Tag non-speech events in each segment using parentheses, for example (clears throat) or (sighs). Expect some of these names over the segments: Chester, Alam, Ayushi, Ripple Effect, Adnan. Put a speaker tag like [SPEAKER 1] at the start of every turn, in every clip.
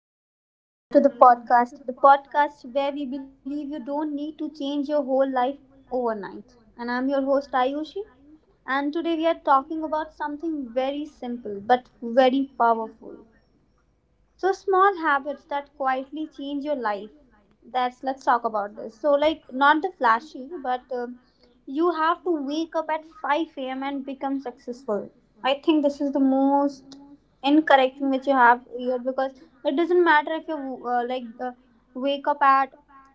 [SPEAKER 1] everyone, and welcome back to the podcast. The podcast where we believe you don't need to change your whole life overnight. And I'm your host, Ayushi. And today we are talking about something very simple but very powerful, so small habits that quietly change your life. That's Let's talk about this. So, like, not the flashy, but you have to wake up at 5 a.m. and become successful. I think this is the most incorrect thing which you have here, because it doesn't matter if you like wake up at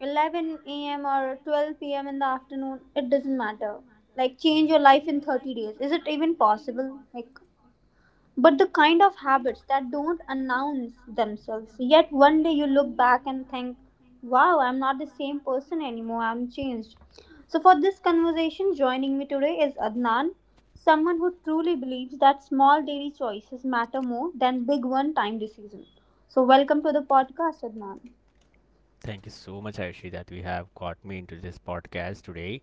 [SPEAKER 1] 11 a.m. or 12 p.m. in the afternoon. It doesn't matter. Like, change your life in
[SPEAKER 2] Hmm.
[SPEAKER 1] 30 days. Is it even possible? Like, but the kind of habits that don't announce themselves. Yet one day you look back and think, wow, I'm not the same person anymore, I'm changed. So, for this conversation, joining me today is Adnan, someone who truly believes that small daily choices matter more than big one time decisions. So, welcome to the podcast, Adnan.
[SPEAKER 2] Thank you so much, Ayushi, that we have got me into this podcast today.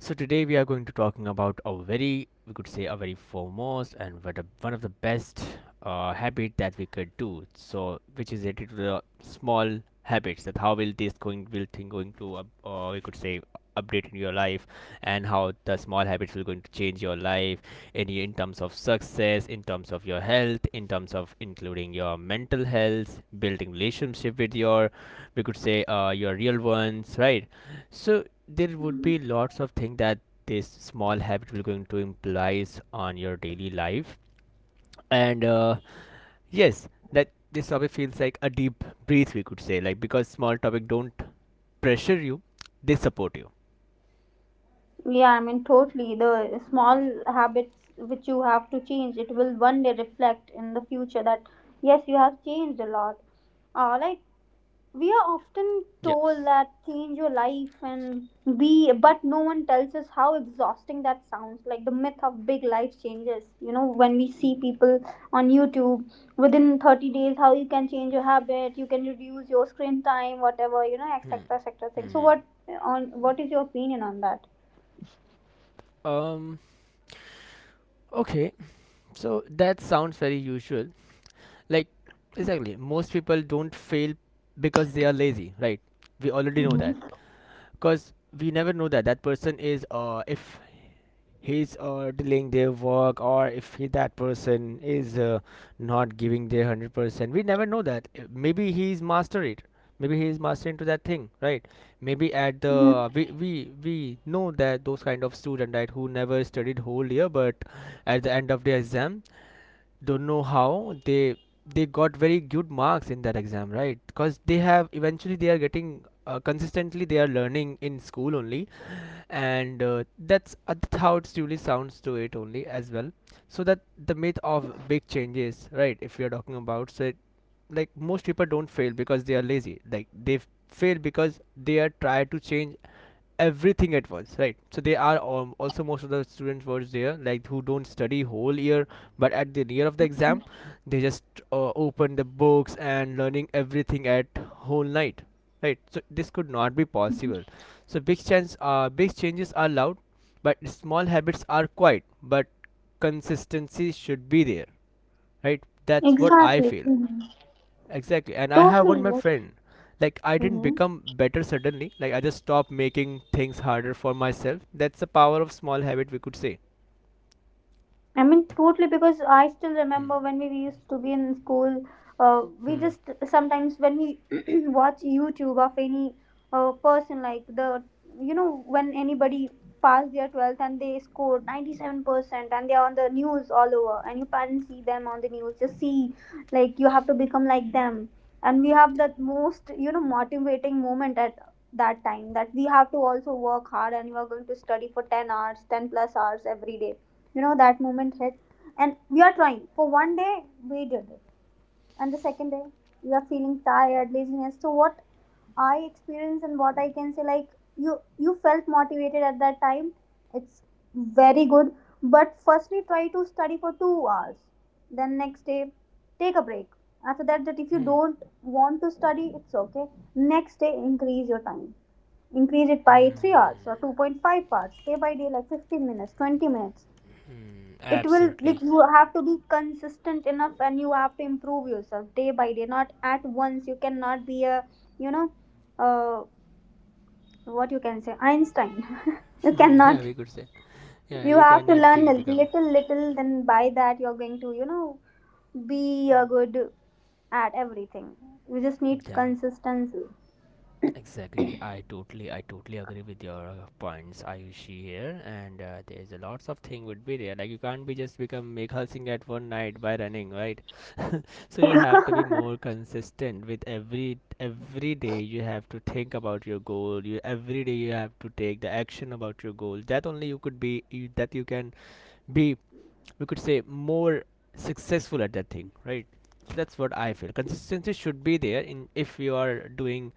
[SPEAKER 2] So today we are going to talking about a very, we could say, a very foremost and one of the best habit that we could do. So which is related to the small habits that how will this going will thing going to we could say update in your life, and how the small habits will going to change your life in terms of success, in terms of your health, in terms of including your mental health, building relationship with your, we could say your real ones, right? So there would
[SPEAKER 1] Mhm.
[SPEAKER 2] be lots of things that this small habit will going to implies on your daily life, and yes, that this topic feels like a deep breath, we could say, like because small topic don't pressure you, they support you.
[SPEAKER 1] Yeah, I mean, totally. The small habits which you have to change, it will one day reflect in the future that yes, you have changed a lot. All right. We are often
[SPEAKER 2] Yep.
[SPEAKER 1] told that change your life
[SPEAKER 2] Next.
[SPEAKER 1] and be, but no one tells us how exhausting that sounds, like the myth of big life changes, you know, when we see people on YouTube, within 30 days how you can change your habit, you can reduce your screen time, whatever, you know,
[SPEAKER 2] Hmm.
[SPEAKER 1] etc. etc. thing. so
[SPEAKER 2] Hmm.
[SPEAKER 1] what on what is your opinion on that?
[SPEAKER 2] Um. Okay. So that sounds very usual. Like exactly, most people don't fail because they are lazy, right? We already know that
[SPEAKER 1] Mm-hmm.
[SPEAKER 2] because we never know that that person is if he's delaying their work, or if he, that person is not giving their 100%. We never know that. Maybe he's master it, maybe he's master into that thing, right? Maybe at
[SPEAKER 1] Mm-hmm.
[SPEAKER 2] the we know that those kind of student, right, who never studied whole year but at the end of the exam don't know how they got very good marks in that exam, right? Because they have, eventually they are getting, consistently they are learning in school only, and that's how it really sounds to it only as well. So that the myth of big changes, right, if you're talking about, so it, like most people don't fail because they are lazy, like they fail because they are try to change everything at once, right? So they are also most of the students were there like who don't study whole year, but at the near of the exam they just open the books and learning everything at whole night, right? So this could not be possible. So big changes are loud but small habits are quiet, but consistency should be there, right? That's what I
[SPEAKER 1] Exactly.
[SPEAKER 2] feel.
[SPEAKER 1] Mhm.
[SPEAKER 2] Exactly. And I have one
[SPEAKER 1] Totally.
[SPEAKER 2] my
[SPEAKER 1] Like,
[SPEAKER 2] friend. Like I didn't
[SPEAKER 1] hmm.
[SPEAKER 2] become better suddenly. Like I just stopped making things harder for myself. That's the power of small habit, we could say.
[SPEAKER 1] I mean, totally, because I still
[SPEAKER 2] Hmm.
[SPEAKER 1] remember when we used to be in school, we
[SPEAKER 2] Hmm.
[SPEAKER 1] just sometimes when we (clears throat) watch YouTube of any person, like, the, when anybody passed their 12th and they scored 97% and they're on the news all over, and you can see them on the news, just see, like, you have to become like them. And we have that most motivating moment at that time, that we have to also work hard and you are going to study for 10 hours, 10 plus hours every day. That moment hit, and we are trying for one day, we did it. And the second day we are feeling tired, laziness. So what I experienced and what I can say, like, you felt motivated at that time, it's very good. But firstly try to study for 2 hours, then next day take a break. After that, if you don't want to study, it's okay. Next day increase your time, increase it by 3 hours or 2.5 hours day by day, like 15 minutes, 20 minutes.
[SPEAKER 2] Hmm.
[SPEAKER 1] It will, like,
[SPEAKER 2] Absolutely.
[SPEAKER 1] you have to be consistent enough and you have to improve yourself day by day, not at once. You cannot be a, you know uh, what you can say, Einstein. (laughs) you
[SPEAKER 2] (laughs) Yeah,
[SPEAKER 1] cannot
[SPEAKER 2] we could say. Yeah,
[SPEAKER 1] You
[SPEAKER 2] you
[SPEAKER 1] have to
[SPEAKER 2] cannot
[SPEAKER 1] learn
[SPEAKER 2] be
[SPEAKER 1] a
[SPEAKER 2] become.
[SPEAKER 1] little, then by that you're going to, be a good at everything. You just need
[SPEAKER 2] Yeah.
[SPEAKER 1] consistency.
[SPEAKER 2] Exactly, I totally agree with your points, Ayushi, here, and there's a lots of thing would be there. Like you can't be just become make Singh at one night by running, right? (laughs) So you have to be more
[SPEAKER 1] (laughs)
[SPEAKER 2] consistent with every day. You have to think about your goal. You every day you have to take the action about your goal. That only you could be you, that you can be, we could say, more successful at that thing, right? So that's what I feel consistency should be there in if you are doing,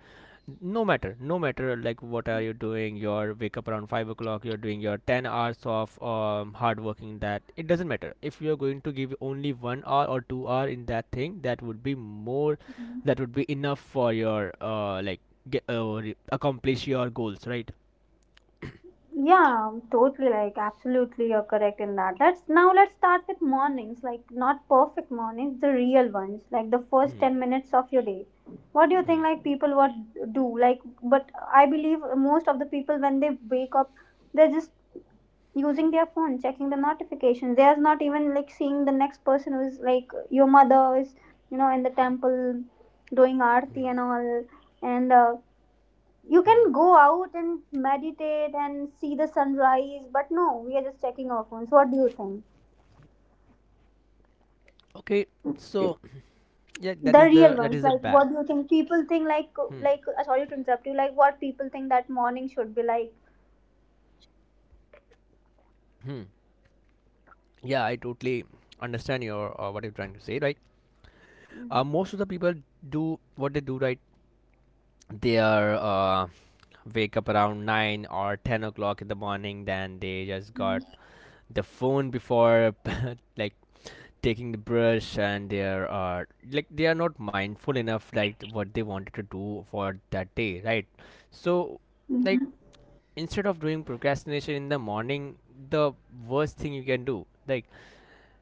[SPEAKER 2] no matter like what are you doing, your wake up around 5 o'clock, you're doing your 10 hours of hard working, that it doesn't matter if you're going to give only 1 hour or 2 hour in that thing, that would be enough for your like get, uh, accomplish your goals, right?
[SPEAKER 1] Yeah, totally. Like, absolutely, you're correct in that. Let's now let's start with mornings. Like, not perfect mornings, the real ones. Like the first
[SPEAKER 2] Hmm,
[SPEAKER 1] 10 minutes of your day. What do you
[SPEAKER 2] hmm,
[SPEAKER 1] think? Like, people, what do like? But I believe most of the people when they wake up, they're just using their phone, checking the notifications. They're not even like seeing the next person who's like, your mother is in the temple doing aarti and all, and. You
[SPEAKER 2] hmm.
[SPEAKER 1] can go out and meditate and see the sunrise, but no, we are just checking our phones. What do you think?
[SPEAKER 2] Okay. So yeah, that
[SPEAKER 1] The
[SPEAKER 2] is
[SPEAKER 1] real
[SPEAKER 2] the
[SPEAKER 1] ones, like,
[SPEAKER 2] bad
[SPEAKER 1] what do you think people think, like
[SPEAKER 2] Hmm.
[SPEAKER 1] like sorry to interrupt you, like, what people think that morning should be like.
[SPEAKER 2] Hmm. Yeah, I totally understand your what you're trying to say, right?
[SPEAKER 1] Mm-hmm.
[SPEAKER 2] Most of the people do what they do, right? They are wake up around 9 or 10 o'clock in the morning. Then they just got the phone before (laughs) like taking the brush, and they are like they are not mindful enough like what they wanted to do for that day, right? So, like
[SPEAKER 1] Mm-hmm.
[SPEAKER 2] instead of doing procrastination in the morning, the worst thing you can do, like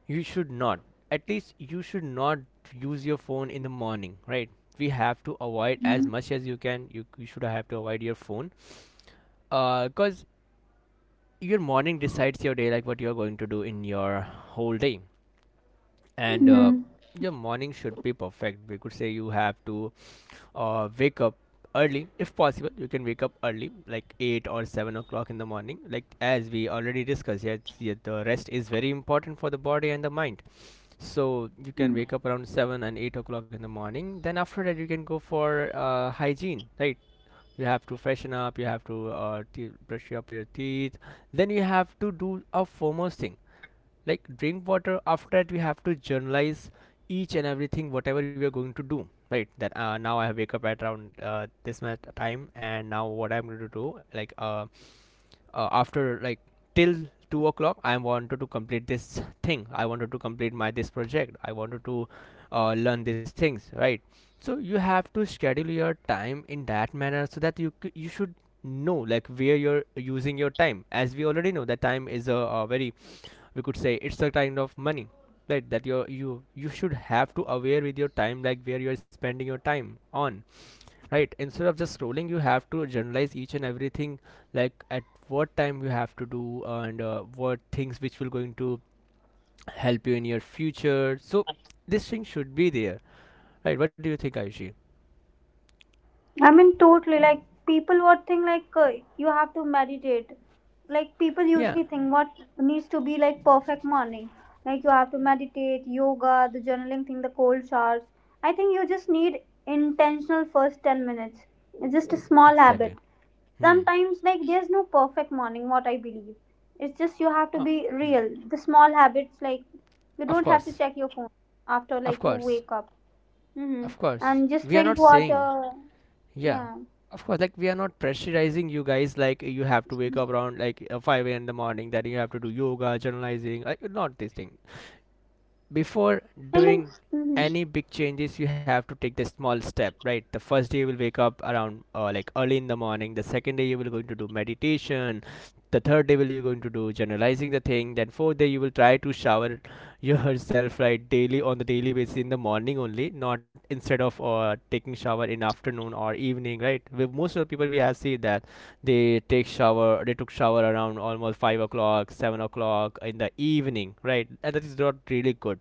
[SPEAKER 2] you should not. At least you should not use your phone in the morning, right? We have to avoid as
[SPEAKER 1] Mm-hmm.
[SPEAKER 2] much as you can. You should have to avoid your phone. Because your morning decides your day, like what you're going to do in your whole day. And
[SPEAKER 1] Mm-hmm.
[SPEAKER 2] your morning should be perfect. We could say you have to wake up early, if possible you can wake up early like 8 or 7 o'clock in the morning, like as we already discussed. Yeah, yeah, the rest is very important for the body and the mind. So you can wake up around 7 and 8 o'clock in the morning, then after that you can go for hygiene, right? You have to freshen up, you have to brush up your teeth, then you have to do a foremost thing like drink water. After that we have to journalize each and everything whatever we are going to do, right? That now I wake up at around this much time, and now what I'm going to do, like after like till 2 o'clock I wanted to complete this thing, I wanted to complete my this project, I wanted to learn these things, right? So you have to schedule your time in that manner so that you should know like where you're using your time, as we already know that time is a very, we could say it's a kind of money, right? That you should have to aware with your time, like where you're spending your time on, right? Instead of just scrolling, you have to generalize each and everything, like at what time you have to do, and what things which will going to help you in your future. So this thing should be there, right? What do you think, Ayushi?
[SPEAKER 1] I mean, totally. Like, people, what think, like, you have to meditate. Like, people
[SPEAKER 2] Yeah,
[SPEAKER 1] usually think what needs to be like perfect morning. Like, you have to meditate, yoga, the journaling thing, the cold showers. I think you just need intentional first 10 minutes. It's just a small
[SPEAKER 2] exactly.
[SPEAKER 1] habit.
[SPEAKER 2] Hmm.
[SPEAKER 1] Sometimes, like, there's no perfect morning. What I believe, it's just you have to
[SPEAKER 2] um,
[SPEAKER 1] be
[SPEAKER 2] hmm.
[SPEAKER 1] real. The small habits, like, you
[SPEAKER 2] Of
[SPEAKER 1] don't have to
[SPEAKER 2] course.
[SPEAKER 1] check your phone after,
[SPEAKER 2] Of
[SPEAKER 1] like, you
[SPEAKER 2] course.
[SPEAKER 1] wake up.
[SPEAKER 2] Of
[SPEAKER 1] Mm-hmm.
[SPEAKER 2] course
[SPEAKER 1] And
[SPEAKER 2] we are
[SPEAKER 1] just
[SPEAKER 2] not
[SPEAKER 1] drink
[SPEAKER 2] saying.
[SPEAKER 1] water.
[SPEAKER 2] Yeah.
[SPEAKER 1] Yeah.
[SPEAKER 2] Of course, like we are not pressurizing you guys like you have to wake up around like 5 a.m in the morning, that you have to do yoga, journalizing, like not this thing. Before
[SPEAKER 1] I mean,
[SPEAKER 2] doing any
[SPEAKER 1] mhm.
[SPEAKER 2] big changes you have to take the small step, right? The first day you will wake up around like early in the morning, the second day you will going to do meditation, the third day will you going to do generalizing the thing, then fourth day you will try to shower (laughs) yourself, right? Daily on the daily basis in the morning only, not instead of taking shower in afternoon or evening, right? With most of the people we have seen that they took shower around almost 5 o'clock, 7 o'clock in the evening, right? And that is not really good.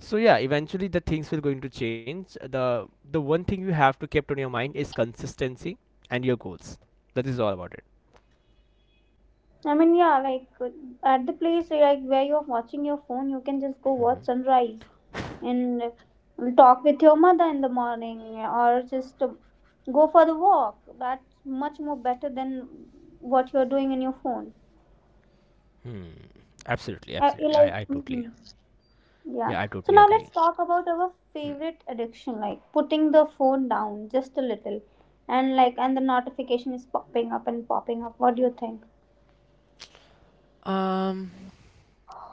[SPEAKER 2] So yeah, eventually the things will going to change. The one thing you have to kept on your mind is consistency and your goals. That is all about it.
[SPEAKER 1] I mean, yeah, like, at the place, like, where you're watching your phone, you can just go watch sunrise and talk with your mother in the morning, or just go for the walk. That's much more better than what you're doing in your phone.
[SPEAKER 2] Hmm. Absolutely,
[SPEAKER 1] You
[SPEAKER 2] absolutely.
[SPEAKER 1] like, mhm. Yeah.
[SPEAKER 2] Yeah, I
[SPEAKER 1] So
[SPEAKER 2] totally
[SPEAKER 1] now let's
[SPEAKER 2] agree.
[SPEAKER 1] talk about our
[SPEAKER 2] Hmm.
[SPEAKER 1] favorite addiction, like putting the phone down just a little, and the notification is popping up and popping up. What do you think?
[SPEAKER 2] Um,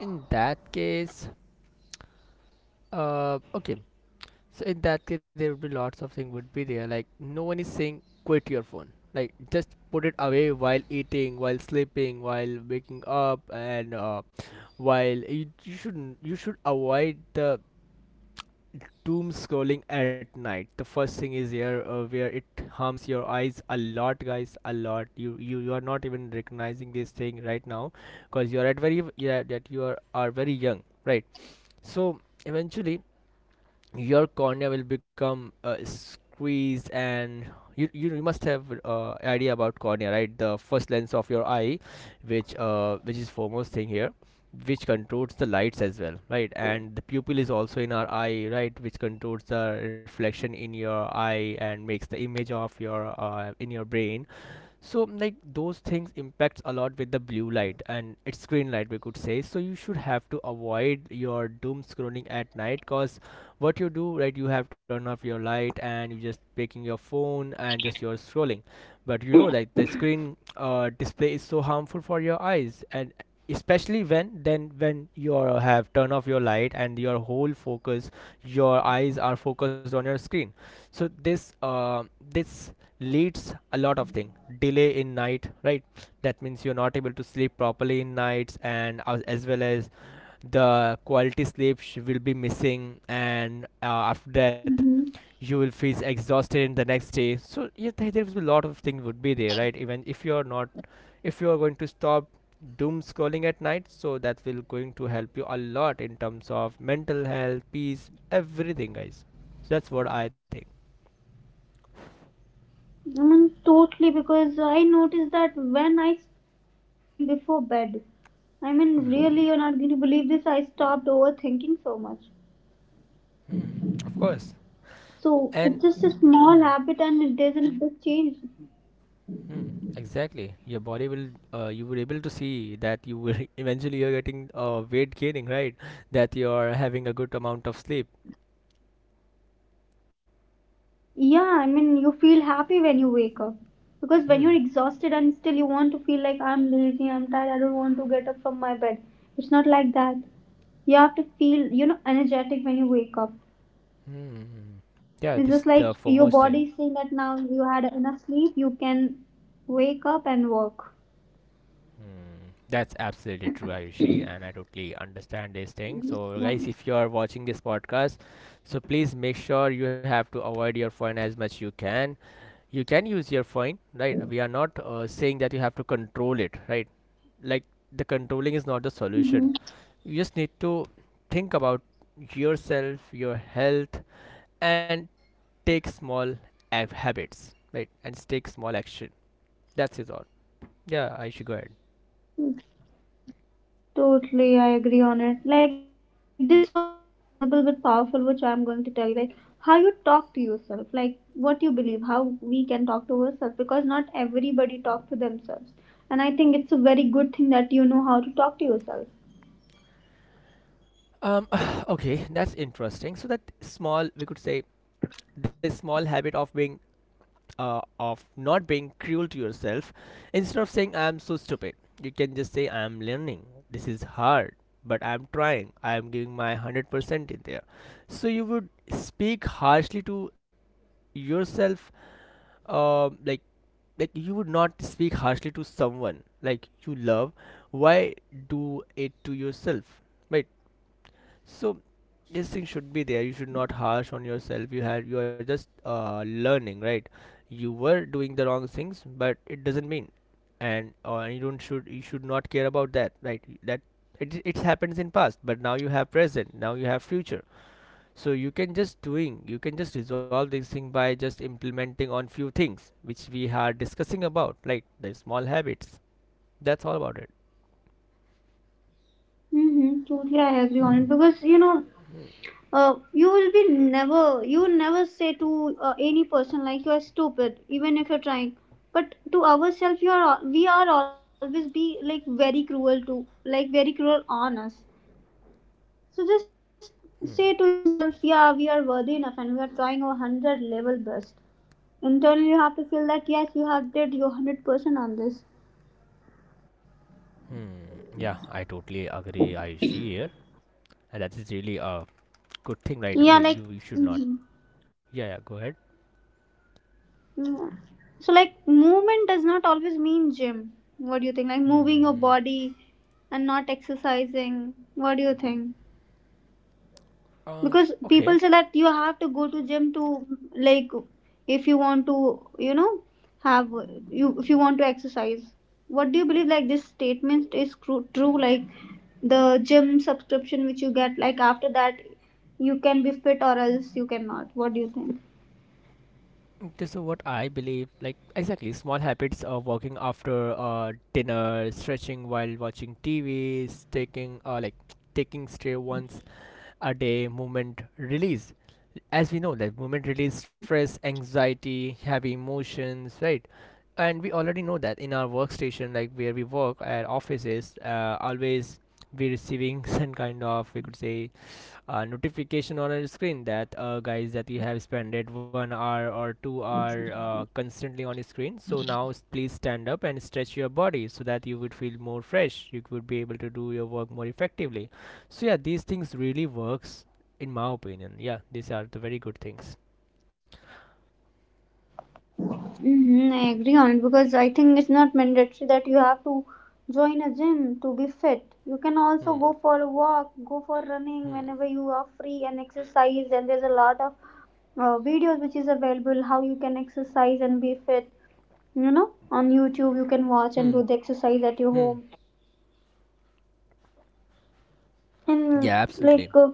[SPEAKER 2] in that case, okay. So in that case, there would be lots of things would be there. Like no one is saying quit your phone. Like just put it away while eating, while sleeping, while waking up, and while you shouldn't you should avoid the doom scrolling at night. The first thing is here, where it harms your eyes a lot, guys, a lot. You are not even recognizing this thing right now because you are at very, yeah, that are very young, right? So eventually your cornea will become squeezed, and you must have idea about cornea, right? The first lens of your eye, which is foremost thing here, which controls the lights as well, right? And the pupil is also in our eye, right, which controls the reflection in your eye and makes the image of your in your brain. So like those things impacts a lot with the blue light and it's green light, we could say. So you should have to avoid your doom scrolling at night, cause what you do, right, you have turn off your light and you just picking your phone and just you're scrolling. But you know like the screen display is so harmful for your eyes, and especially when then when you have turn off your light and your whole focus, your eyes are focused on your screen. So this this leads a lot of thing delay in night, right? That means you're not able to sleep properly in nights, and as well as the quality will be missing, and after that
[SPEAKER 1] Mhm.
[SPEAKER 2] you will feel exhausted in the next day So yeah, there will be a lot of things would be there, right? Even if you're not, if you're going to stop doom scrolling at night, so that will going to help you a lot in terms of mental health, peace, everything, guys. So that's what I think.
[SPEAKER 1] I mean, totally, because I noticed that when I stopped scrolling before bed, I mean, really, you're not going to believe this, I stopped overthinking so much.
[SPEAKER 2] Hmm, of course.
[SPEAKER 1] So
[SPEAKER 2] And
[SPEAKER 1] it's just a
[SPEAKER 2] hmm,
[SPEAKER 1] small habit and it doesn't a big change.
[SPEAKER 2] hmm, exactly, your body will. You were able to see that you will (laughs) eventually you're getting weight gaining, right? That you are having a good amount of sleep.
[SPEAKER 1] Yeah, I mean, you feel happy when you wake up. Because when
[SPEAKER 2] Hmm.
[SPEAKER 1] you're exhausted and still you want to feel like, I'm lazy, I'm tired, I don't want to get up from my bed. It's not like that. You have to feel, energetic when you wake up.
[SPEAKER 2] Hmm. Yeah, this is
[SPEAKER 1] It's just
[SPEAKER 2] the
[SPEAKER 1] like
[SPEAKER 2] foremost
[SPEAKER 1] your
[SPEAKER 2] thing.
[SPEAKER 1] body is saying that now you had enough sleep, you can wake up and work.
[SPEAKER 2] Hmm. That's absolutely true, Ayushi, and I totally understand this thing. So, guys,
[SPEAKER 1] Yeah.
[SPEAKER 2] if you are watching this podcast, so please make sure you have to avoid your phone as much you can. You can use your phone, right? We are not saying that you have to control it, right? Like, the controlling is not the solution.
[SPEAKER 1] Hmm.
[SPEAKER 2] You just need to think about yourself, your health, and take small habits, right, and take small action. That's is all. Yeah, I should go ahead.
[SPEAKER 1] Totally, I agree on it. Like, this one is invisible but powerful, which I'm going to tell you. Like, how you talk to yourself, like, what you believe, how we can talk to ourselves, because not everybody talk to themselves. And I think it's a very good thing that you know how to talk to yourself.
[SPEAKER 2] Um (sighs) Okay, that's interesting. So that small, we could say, the small habit of being of not being cruel to yourself. Instead of saying I'm so stupid, you can just say I'm learning, this is hard, but I'm trying, I'm giving my 100% in there. So you would speak harshly to yourself, uh, like like you would not speak harshly to someone like you love. Why do it to yourself, right? So this thing should be there. You should not harsh on yourself. You are just learning, right? You were doing the wrong things, but it doesn't mean, and or you don't should you should not care about that, right? That it happens in past, but now you have present, now you have future. So you can just doing, you can just resolve this thing by just implementing on few things which we are discussing about, like the small habits. That's all about it.
[SPEAKER 1] Mm-hmm. Totally, I agree on it because, you will never say to any person like, you are stupid, even if you're trying. But to ourselves, we are always be like very cruel on us. So just say to yourself, yeah, we are worthy enough and we are trying our 100 level best. Internally you have to feel that yes, you have did your 100% on this.
[SPEAKER 2] Hmm. Yeah, I totally agree, Ayushi here, and that is really a good thing, right?
[SPEAKER 1] Yeah,
[SPEAKER 2] Wait,
[SPEAKER 1] like,
[SPEAKER 2] you should not. Yeah, yeah, go ahead.
[SPEAKER 1] mm. So, like, movement does not always mean gym. What do you think? Like, moving your
[SPEAKER 2] Hmm.
[SPEAKER 1] body and not exercising. What do you think? Because people
[SPEAKER 2] Okay.
[SPEAKER 1] say that you have to go to gym to, like, if you want to, have, you, if you want to exercise. What do you believe, like, this statement is true, like, the gym subscription which you get, like, after that you can be fit, or else you cannot. What do you think?
[SPEAKER 2] This is what I believe. Like exactly, small habits of walking after dinner, stretching while watching TV, taking like taking stray once a day movement release. As we know that movement release stress, anxiety, heavy emotions, right? And we already know that in our workstation, like where we work at offices, always be receiving (laughs) some kind of, we could say, a notification on our screen that guys, that you have spent 1 hour or 2 hour constantly on your screen, so now please stand up and stretch your body, so that you would feel more fresh, you would be able to do your work more effectively. So yeah, these things really works, in my opinion. Yeah, these are the very good things.
[SPEAKER 1] Hmm. I agree on it, because I think it's not mandatory that you have to join a gym to be fit. You can also
[SPEAKER 2] Hmm.
[SPEAKER 1] go for a walk, go for running
[SPEAKER 2] Hmm.
[SPEAKER 1] whenever you are free and exercise. And there's a lot of videos which is available how you can exercise and be fit. You know, on YouTube you can watch
[SPEAKER 2] Hmm,
[SPEAKER 1] and do the exercise at your
[SPEAKER 2] hmm.
[SPEAKER 1] home.
[SPEAKER 2] Yeah,
[SPEAKER 1] And, like,
[SPEAKER 2] absolutely.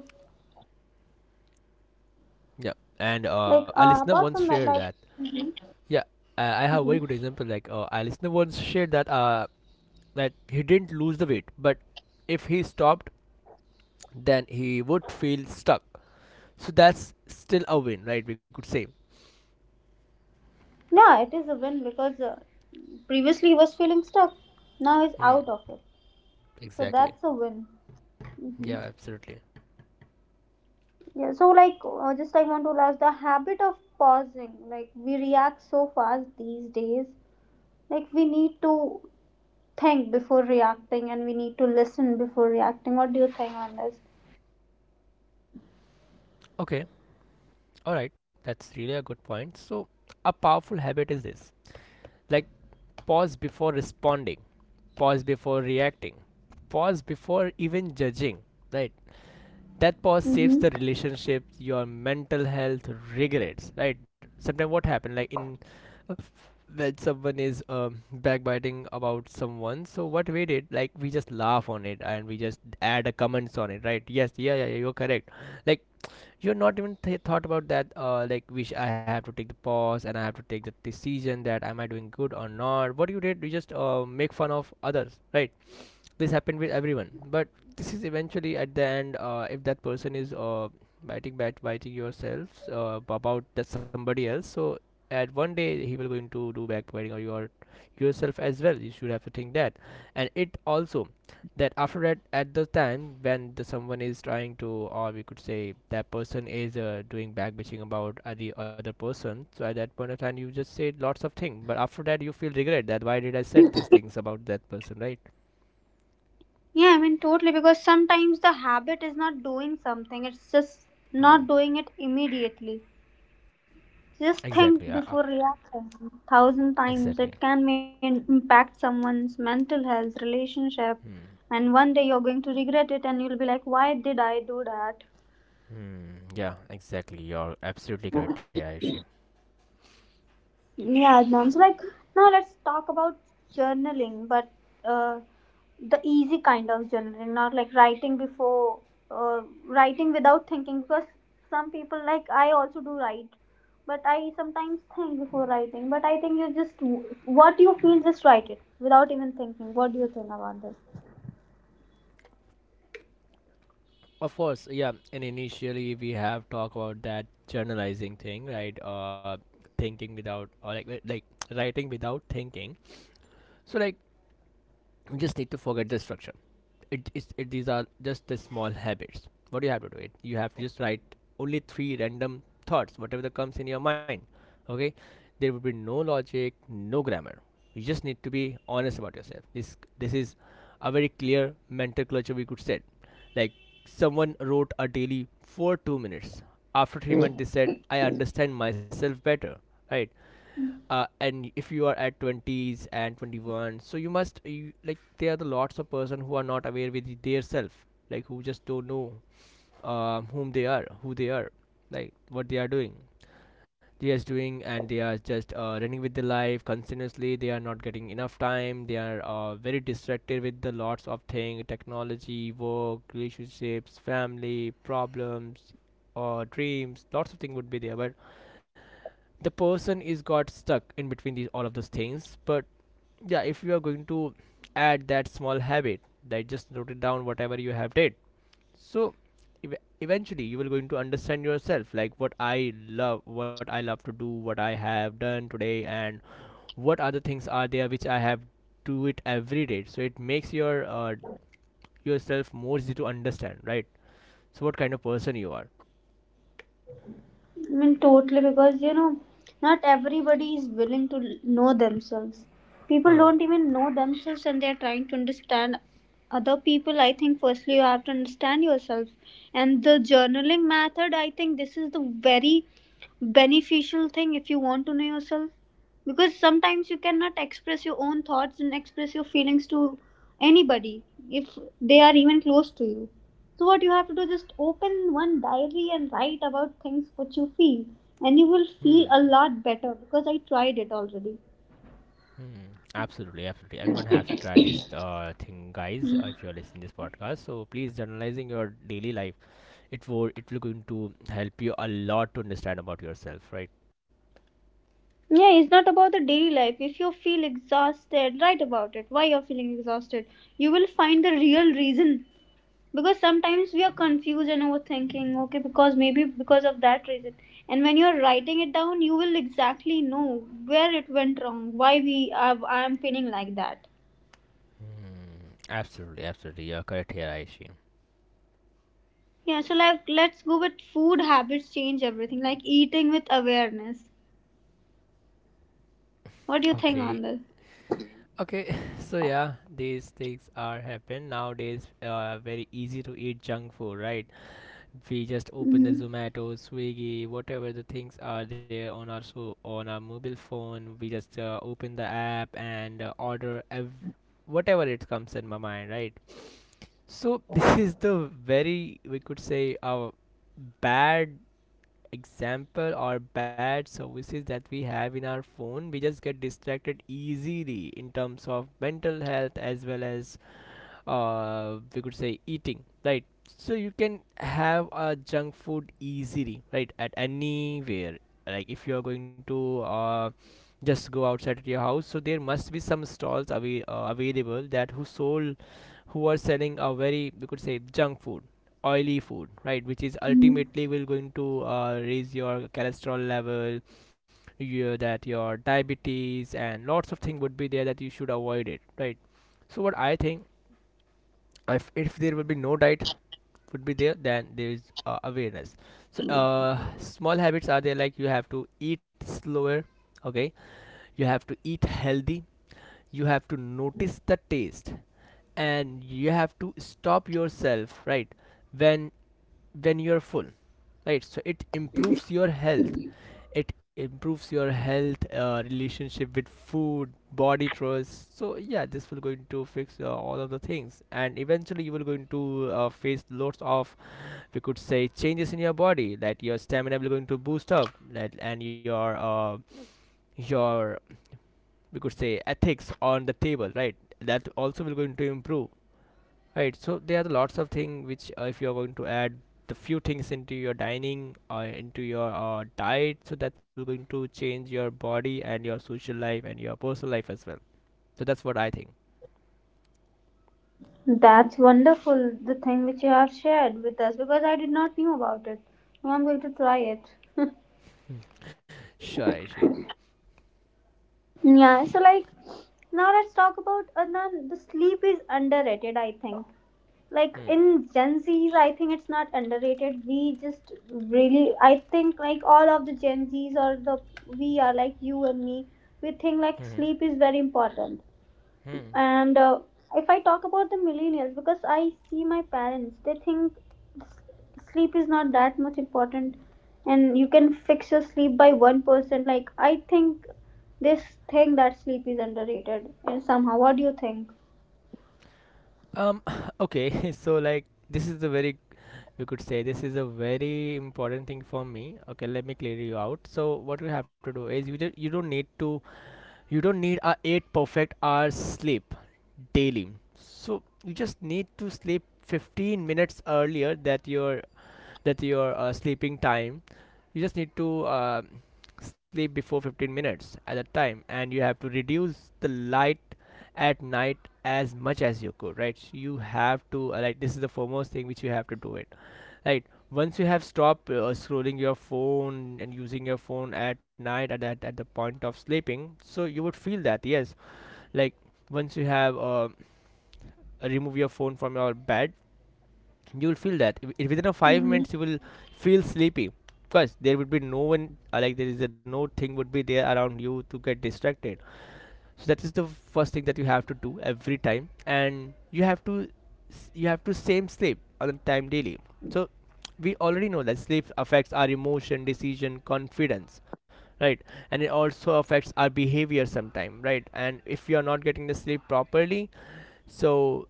[SPEAKER 2] Yeah, and a listener once
[SPEAKER 1] apart from
[SPEAKER 2] shared
[SPEAKER 1] that,
[SPEAKER 2] that,
[SPEAKER 1] like, mhm.
[SPEAKER 2] yeah, I have very
[SPEAKER 1] Mhm.
[SPEAKER 2] good example. Like a listener once shared that that he didn't lose the weight, but if he stopped, then he would feel stuck. So that's still a win, right? We could say.
[SPEAKER 1] Yeah, it is a win, because previously he was feeling stuck. Now he's
[SPEAKER 2] Hmm,
[SPEAKER 1] out of it. So
[SPEAKER 2] exactly.
[SPEAKER 1] that's a win. Hmm.
[SPEAKER 2] Yeah, absolutely.
[SPEAKER 1] Yeah, so, like, just I want to ask the habit of pausing. Like, we react so fast these days. Like, we need to think before reacting, and we need to listen before reacting. What do you think on this?
[SPEAKER 2] Okay, alright, that's really a good point. So, a powerful habit is this, like, pause before responding, pause before reacting, pause before even judging, right? That pause saves
[SPEAKER 1] Mm-hmm.
[SPEAKER 2] the relationship, your mental health, regrets, right? Sometimes what happened, like in uh, when someone is backbiting about someone, so what we did, like we just laugh on it and we just add a comments on it, right? Yes, yeah, yeah, yeah, you're correct. Like, you're not even thought about that, like, which I have to take the pause and I have to take the decision that am I doing good or not. What you did, you just make fun of others, right? This happened with everyone, but this is eventually at the end, if that person is biting bat biting yourself about that somebody else, so at one day he will going to do backbiting or your yourself as well, you should have to think that. And it also that after that at the time when the someone is trying to, or we could say that person is doing backbitching about the other person, so at that point of time you just say lots of things but after that you feel regret that why did I said these things about that person, right?
[SPEAKER 1] Yeah, I mean, totally, because sometimes the habit is not doing something. It's just not
[SPEAKER 2] Hmm.
[SPEAKER 1] doing it immediately. Just
[SPEAKER 2] Exactly.
[SPEAKER 1] think before reacting. Thousand times
[SPEAKER 2] Exactly.
[SPEAKER 1] it can mean impact someone's mental health, relationship,
[SPEAKER 2] Hmm.
[SPEAKER 1] and one day you're going to regret it and you'll be like, why did I do that?
[SPEAKER 2] Hmm. Yeah. Exactly. You're absolutely correct, yeah. Ayushi.
[SPEAKER 1] Yeah, Adnan. So, like, now let's talk about journaling, but uh, the easy kind of journaling, not like uh, writing without thinking. Because some people, like, I also do write, but I sometimes think before writing. But I think you just, what you feel, just write it without even thinking. What do you think about this?
[SPEAKER 2] Of course, yeah. And initially, we have talked about that journalizing thing, right? Thinking without, or like, like, writing without thinking. So, like, you just need to forget the structure. It, these are just the small habits. What do you have to do it? You have to just write only three random thoughts whatever that comes in your mind. Okay, there will be no logic, no grammar. You just need to be honest about yourself. This is a very clear mental culture, we could set, like someone wrote a daily for 2 minutes, after 3 months they said I understand myself better, right? And if you are at 20s and 21, so you must you, like there are the lots of person who are not aware with their self, like who just don't know whom they are, who they are, like what they are doing. They are doing and they are just running with the life continuously. They are not getting enough time. They are very distracted with the lots of thing, technology, work, relationships, family problems or dreams, lots of things would be there, but the person is got stuck in between these all of those things. But yeah, if you are going to add that small habit, that just note it down whatever you have did, so ev- eventually you will going to understand yourself, like what I love, what I love to do, what I have done today, and what other things are there which I have do it every day. So it makes your yourself more easy to understand, right? So what kind of person you are.
[SPEAKER 1] I mean, totally, because, not everybody is willing to know themselves. People
[SPEAKER 2] uh,
[SPEAKER 1] don't even know themselves and they're trying to understand other people. I think, firstly, you have to understand yourself. And the journaling method, I think this is the very beneficial thing if you want to know yourself. Because sometimes you cannot express your own thoughts and express your feelings to anybody if they are even close to you. So what you have to do just open one diary and write about things what you feel and you will
[SPEAKER 2] hmm.
[SPEAKER 1] feel a lot better because I tried it already.
[SPEAKER 2] Hmm, absolutely, absolutely. Everyone has to try this thing, guys. If you're listening this podcast, so please journalizing your daily life. It will going to help you a lot to understand about yourself, right?
[SPEAKER 1] Yeah, it's not about the daily life. If you feel exhausted, write about it. Why you're feeling exhausted. You will find the real reason. Because sometimes we are confused and overthinking, okay, because maybe because of that reason. And when you're writing it down, you will exactly know where it went wrong, why I am feeling like that.
[SPEAKER 2] Hmm, absolutely, absolutely. You're correct here, Aishi.
[SPEAKER 1] Yeah, so like let's go with food habits change everything, like eating with awareness. What do you think
[SPEAKER 2] Okay,
[SPEAKER 1] on this?
[SPEAKER 2] okay. (laughs) So yeah, these things are happen nowadays. Very easy to eat junk food, right? We just open the Zomato, Swiggy, whatever the things are there on our, so on our mobile phone, we just open the app and order whatever it comes in my mind, right? So (laughs) this is the very, we could say, a bad example or bad services that we have in our phone. We just get distracted easily in terms of mental health as well as we could say eating, right? So you can have a junk food easily, right, at anywhere. Like if you are going to just go outside your house, so there must be some stalls away, available, that who sold, who are selling a very, we could say, junk food, oily food, right, which is
[SPEAKER 1] Mm.
[SPEAKER 2] ultimately will going to raise your cholesterol level, your that your diabetes and lots of things would be there that you should avoid it, right? So what I think, if there will be no diet would be there, then there is awareness. So small habits are there, like you have to eat slower, okay, you have to eat healthy, you have to notice the taste, and you have to stop yourself, right, when when you're full, right? So it improves your health, it improves your health, relationship with food, body trust. So yeah, this will going to fix all of the things and eventually you will going to face lots of, we could say, changes in your body, that your stamina will going to boost up that, and your your, we could say, ethics on the table, right, that also will going to improve. Right, so there are the lots of things which if you are going to add the few things into your dining or into your diet, so that will going to change your body and your social life and your personal life as well. So that's what I think.
[SPEAKER 1] That's wonderful, the thing which you have shared with us because I did not knew about it. Now I'm going to try it. (laughs)
[SPEAKER 2] Sure, Aishi.
[SPEAKER 1] Yeah, so like now let's talk about the sleep is underrated, I think. Like
[SPEAKER 2] Hmm.
[SPEAKER 1] in Gen Zs, I think it's not underrated. We just really, I think like all of the Gen Zs or the we are like you and me, we think like
[SPEAKER 2] Mm-hmm.
[SPEAKER 1] sleep is very important.
[SPEAKER 2] Hmm.
[SPEAKER 1] And if I talk about the millennials, because I see my parents, they think s- sleep is not that much important and you can fix your sleep by 1%. Like, I think this thing that sleep is underrated and somehow. What do you think?
[SPEAKER 2] Um. (laughs) Okay. (laughs) So like this is the very, we could say, this is a very important thing for me. Okay, let me clear you out. So what you have to do is you just, you don't need to, you don't need a 8 perfect hours sleep daily. So you just need to sleep 15 minutes earlier that your, that your sleeping time. You just need to sleep before 15 minutes at a time and you have to reduce the light at night as much as you could, right? So you have to like, this is the foremost thing which you have to do it, right? Once you have stopped scrolling your phone and using your phone at night at, at the point of sleeping, so you would feel that yes, like once you have remove your phone from your bed, you will feel that within a five
[SPEAKER 1] Mhm.
[SPEAKER 2] minutes you will feel sleepy, because there would be no one like there is a no thing would be there around you to get distracted. So that is the first thing that you have to do every time, and you have to, you have to same sleep on the time daily. So we already know that sleep affects our emotion, decision, confidence, right? And it also affects our behavior sometime, right? And if you are not getting the sleep properly, so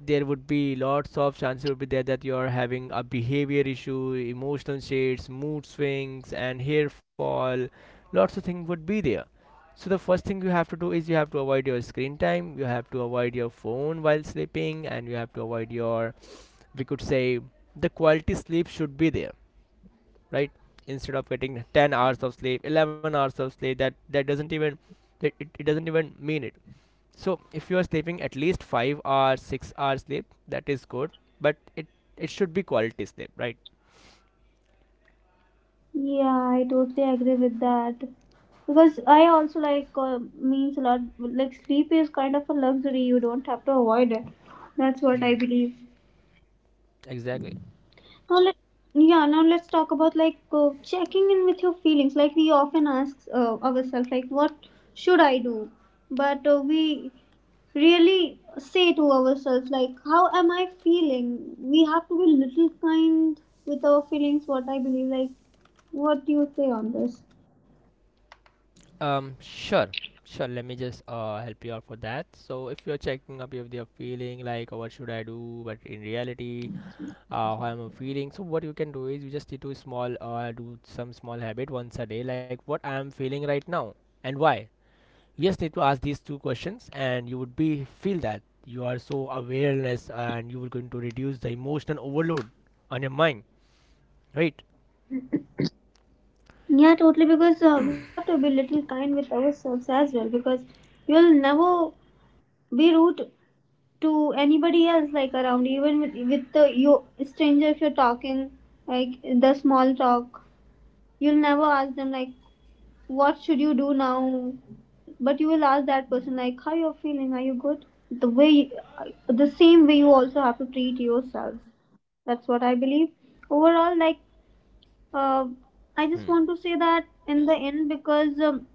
[SPEAKER 2] there would be lots of chances would be there that you're having a behavior issue, emotional shades, mood swings, and hair fall. Lots of things would be there. So the first thing you have to do is you have to avoid your screen time, you have to avoid your phone while sleeping, and you have to avoid your, we could say, the quality sleep should be there, right? Instead of getting 10 hours of sleep, 11 hours of sleep, that that doesn't even, it doesn't even mean it. So if you are sleeping at least 5 hours 6 hours sleep, that is good, but it should be quality sleep, right?
[SPEAKER 1] Yeah, I totally agree with that. Because I also like means a lot, like, sleep is kind of a luxury, you don't have to avoid it. That's what I
[SPEAKER 2] Hmm,
[SPEAKER 1] believe.
[SPEAKER 2] exactly.
[SPEAKER 1] Now let yeah. Now let's talk about like checking in with your feelings. Like we often ask ourselves, like what should I do? But we really say to ourselves, like how am I feeling? We have to be little kind with our feelings. What I believe, like what do you say on this?
[SPEAKER 2] Sure, sure. Let me just help you out for that. So if you're checking up, if you're feeling like, "Oh, what should I do?" But in reality, how am I feeling? So what you can do is you just need to small do some small habit once a day, like what I am feeling right now and why. You just need to ask these two questions and you would be feel that you are so awareness and you will going to reduce the emotional overload on your mind, right?
[SPEAKER 1] Yeah, totally. Because we have to be little kind with ourselves as well. Because you'll never be rude to anybody else like around even with the you stranger if you're talking like the small talk, you'll never ask them like what should you do now, but you will ask that person like how you're feeling, are you good? The way the same way you also have to treat yourselves. That's what I believe overall. Like uh, I just
[SPEAKER 2] Hmm.
[SPEAKER 1] want to say that in the end because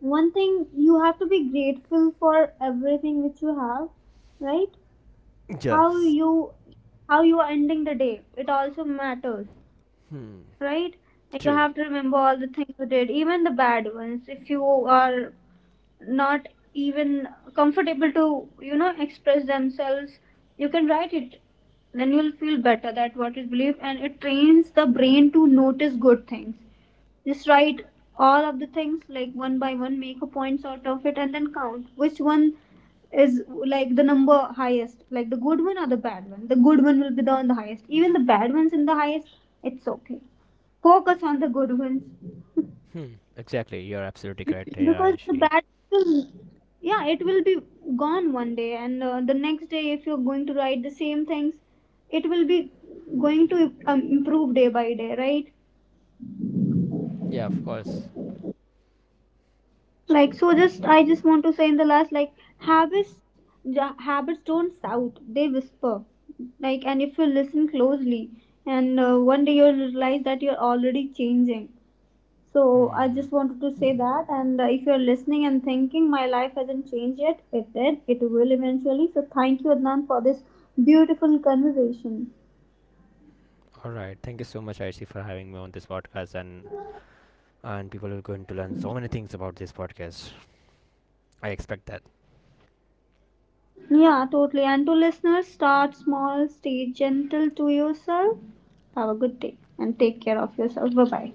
[SPEAKER 1] one thing, you have to be grateful for everything which you have, right? How
[SPEAKER 2] Yes,
[SPEAKER 1] you, how you are ending the day, it also matters, right? And you
[SPEAKER 2] true.
[SPEAKER 1] have to remember all the things you did, even the bad ones. If you are not even comfortable to, you know, express themselves, you can write it, then you'll feel better that what is belief, and it trains the brain to notice good things. Just write all of the things like one by one, make a point out of it, and then count which one is like the number highest, like the good one or the bad one. The good one will be the on the highest. Even the bad ones in the highest, it's okay. Focus on the good ones
[SPEAKER 2] Hmm. Exactly. You're absolutely correct here,
[SPEAKER 1] because the
[SPEAKER 2] Aishi.
[SPEAKER 1] bad will, yeah, it will be gone one day, and the next day, if you're going to write the same things, it will be going to improve day by day, right?
[SPEAKER 2] Yeah, of course.
[SPEAKER 1] Like so just I just want to say in the last like habits habits don't shout, they whisper, like, and if you listen closely and one day you'll realize that you're already changing. So I
[SPEAKER 2] Hmm.
[SPEAKER 1] just wanted to say that, and if you're listening and thinking my life hasn't changed yet, it did, it will eventually. So thank you, Adnan, for this beautiful conversation.
[SPEAKER 2] All right. Thank you so much, Aishi, for having me on this podcast, and people are going to learn so many things about this podcast. I expect that.
[SPEAKER 1] Yeah, totally. And to listeners, start small, stay gentle to yourself, have a good day, and take care of yourself. Bye bye.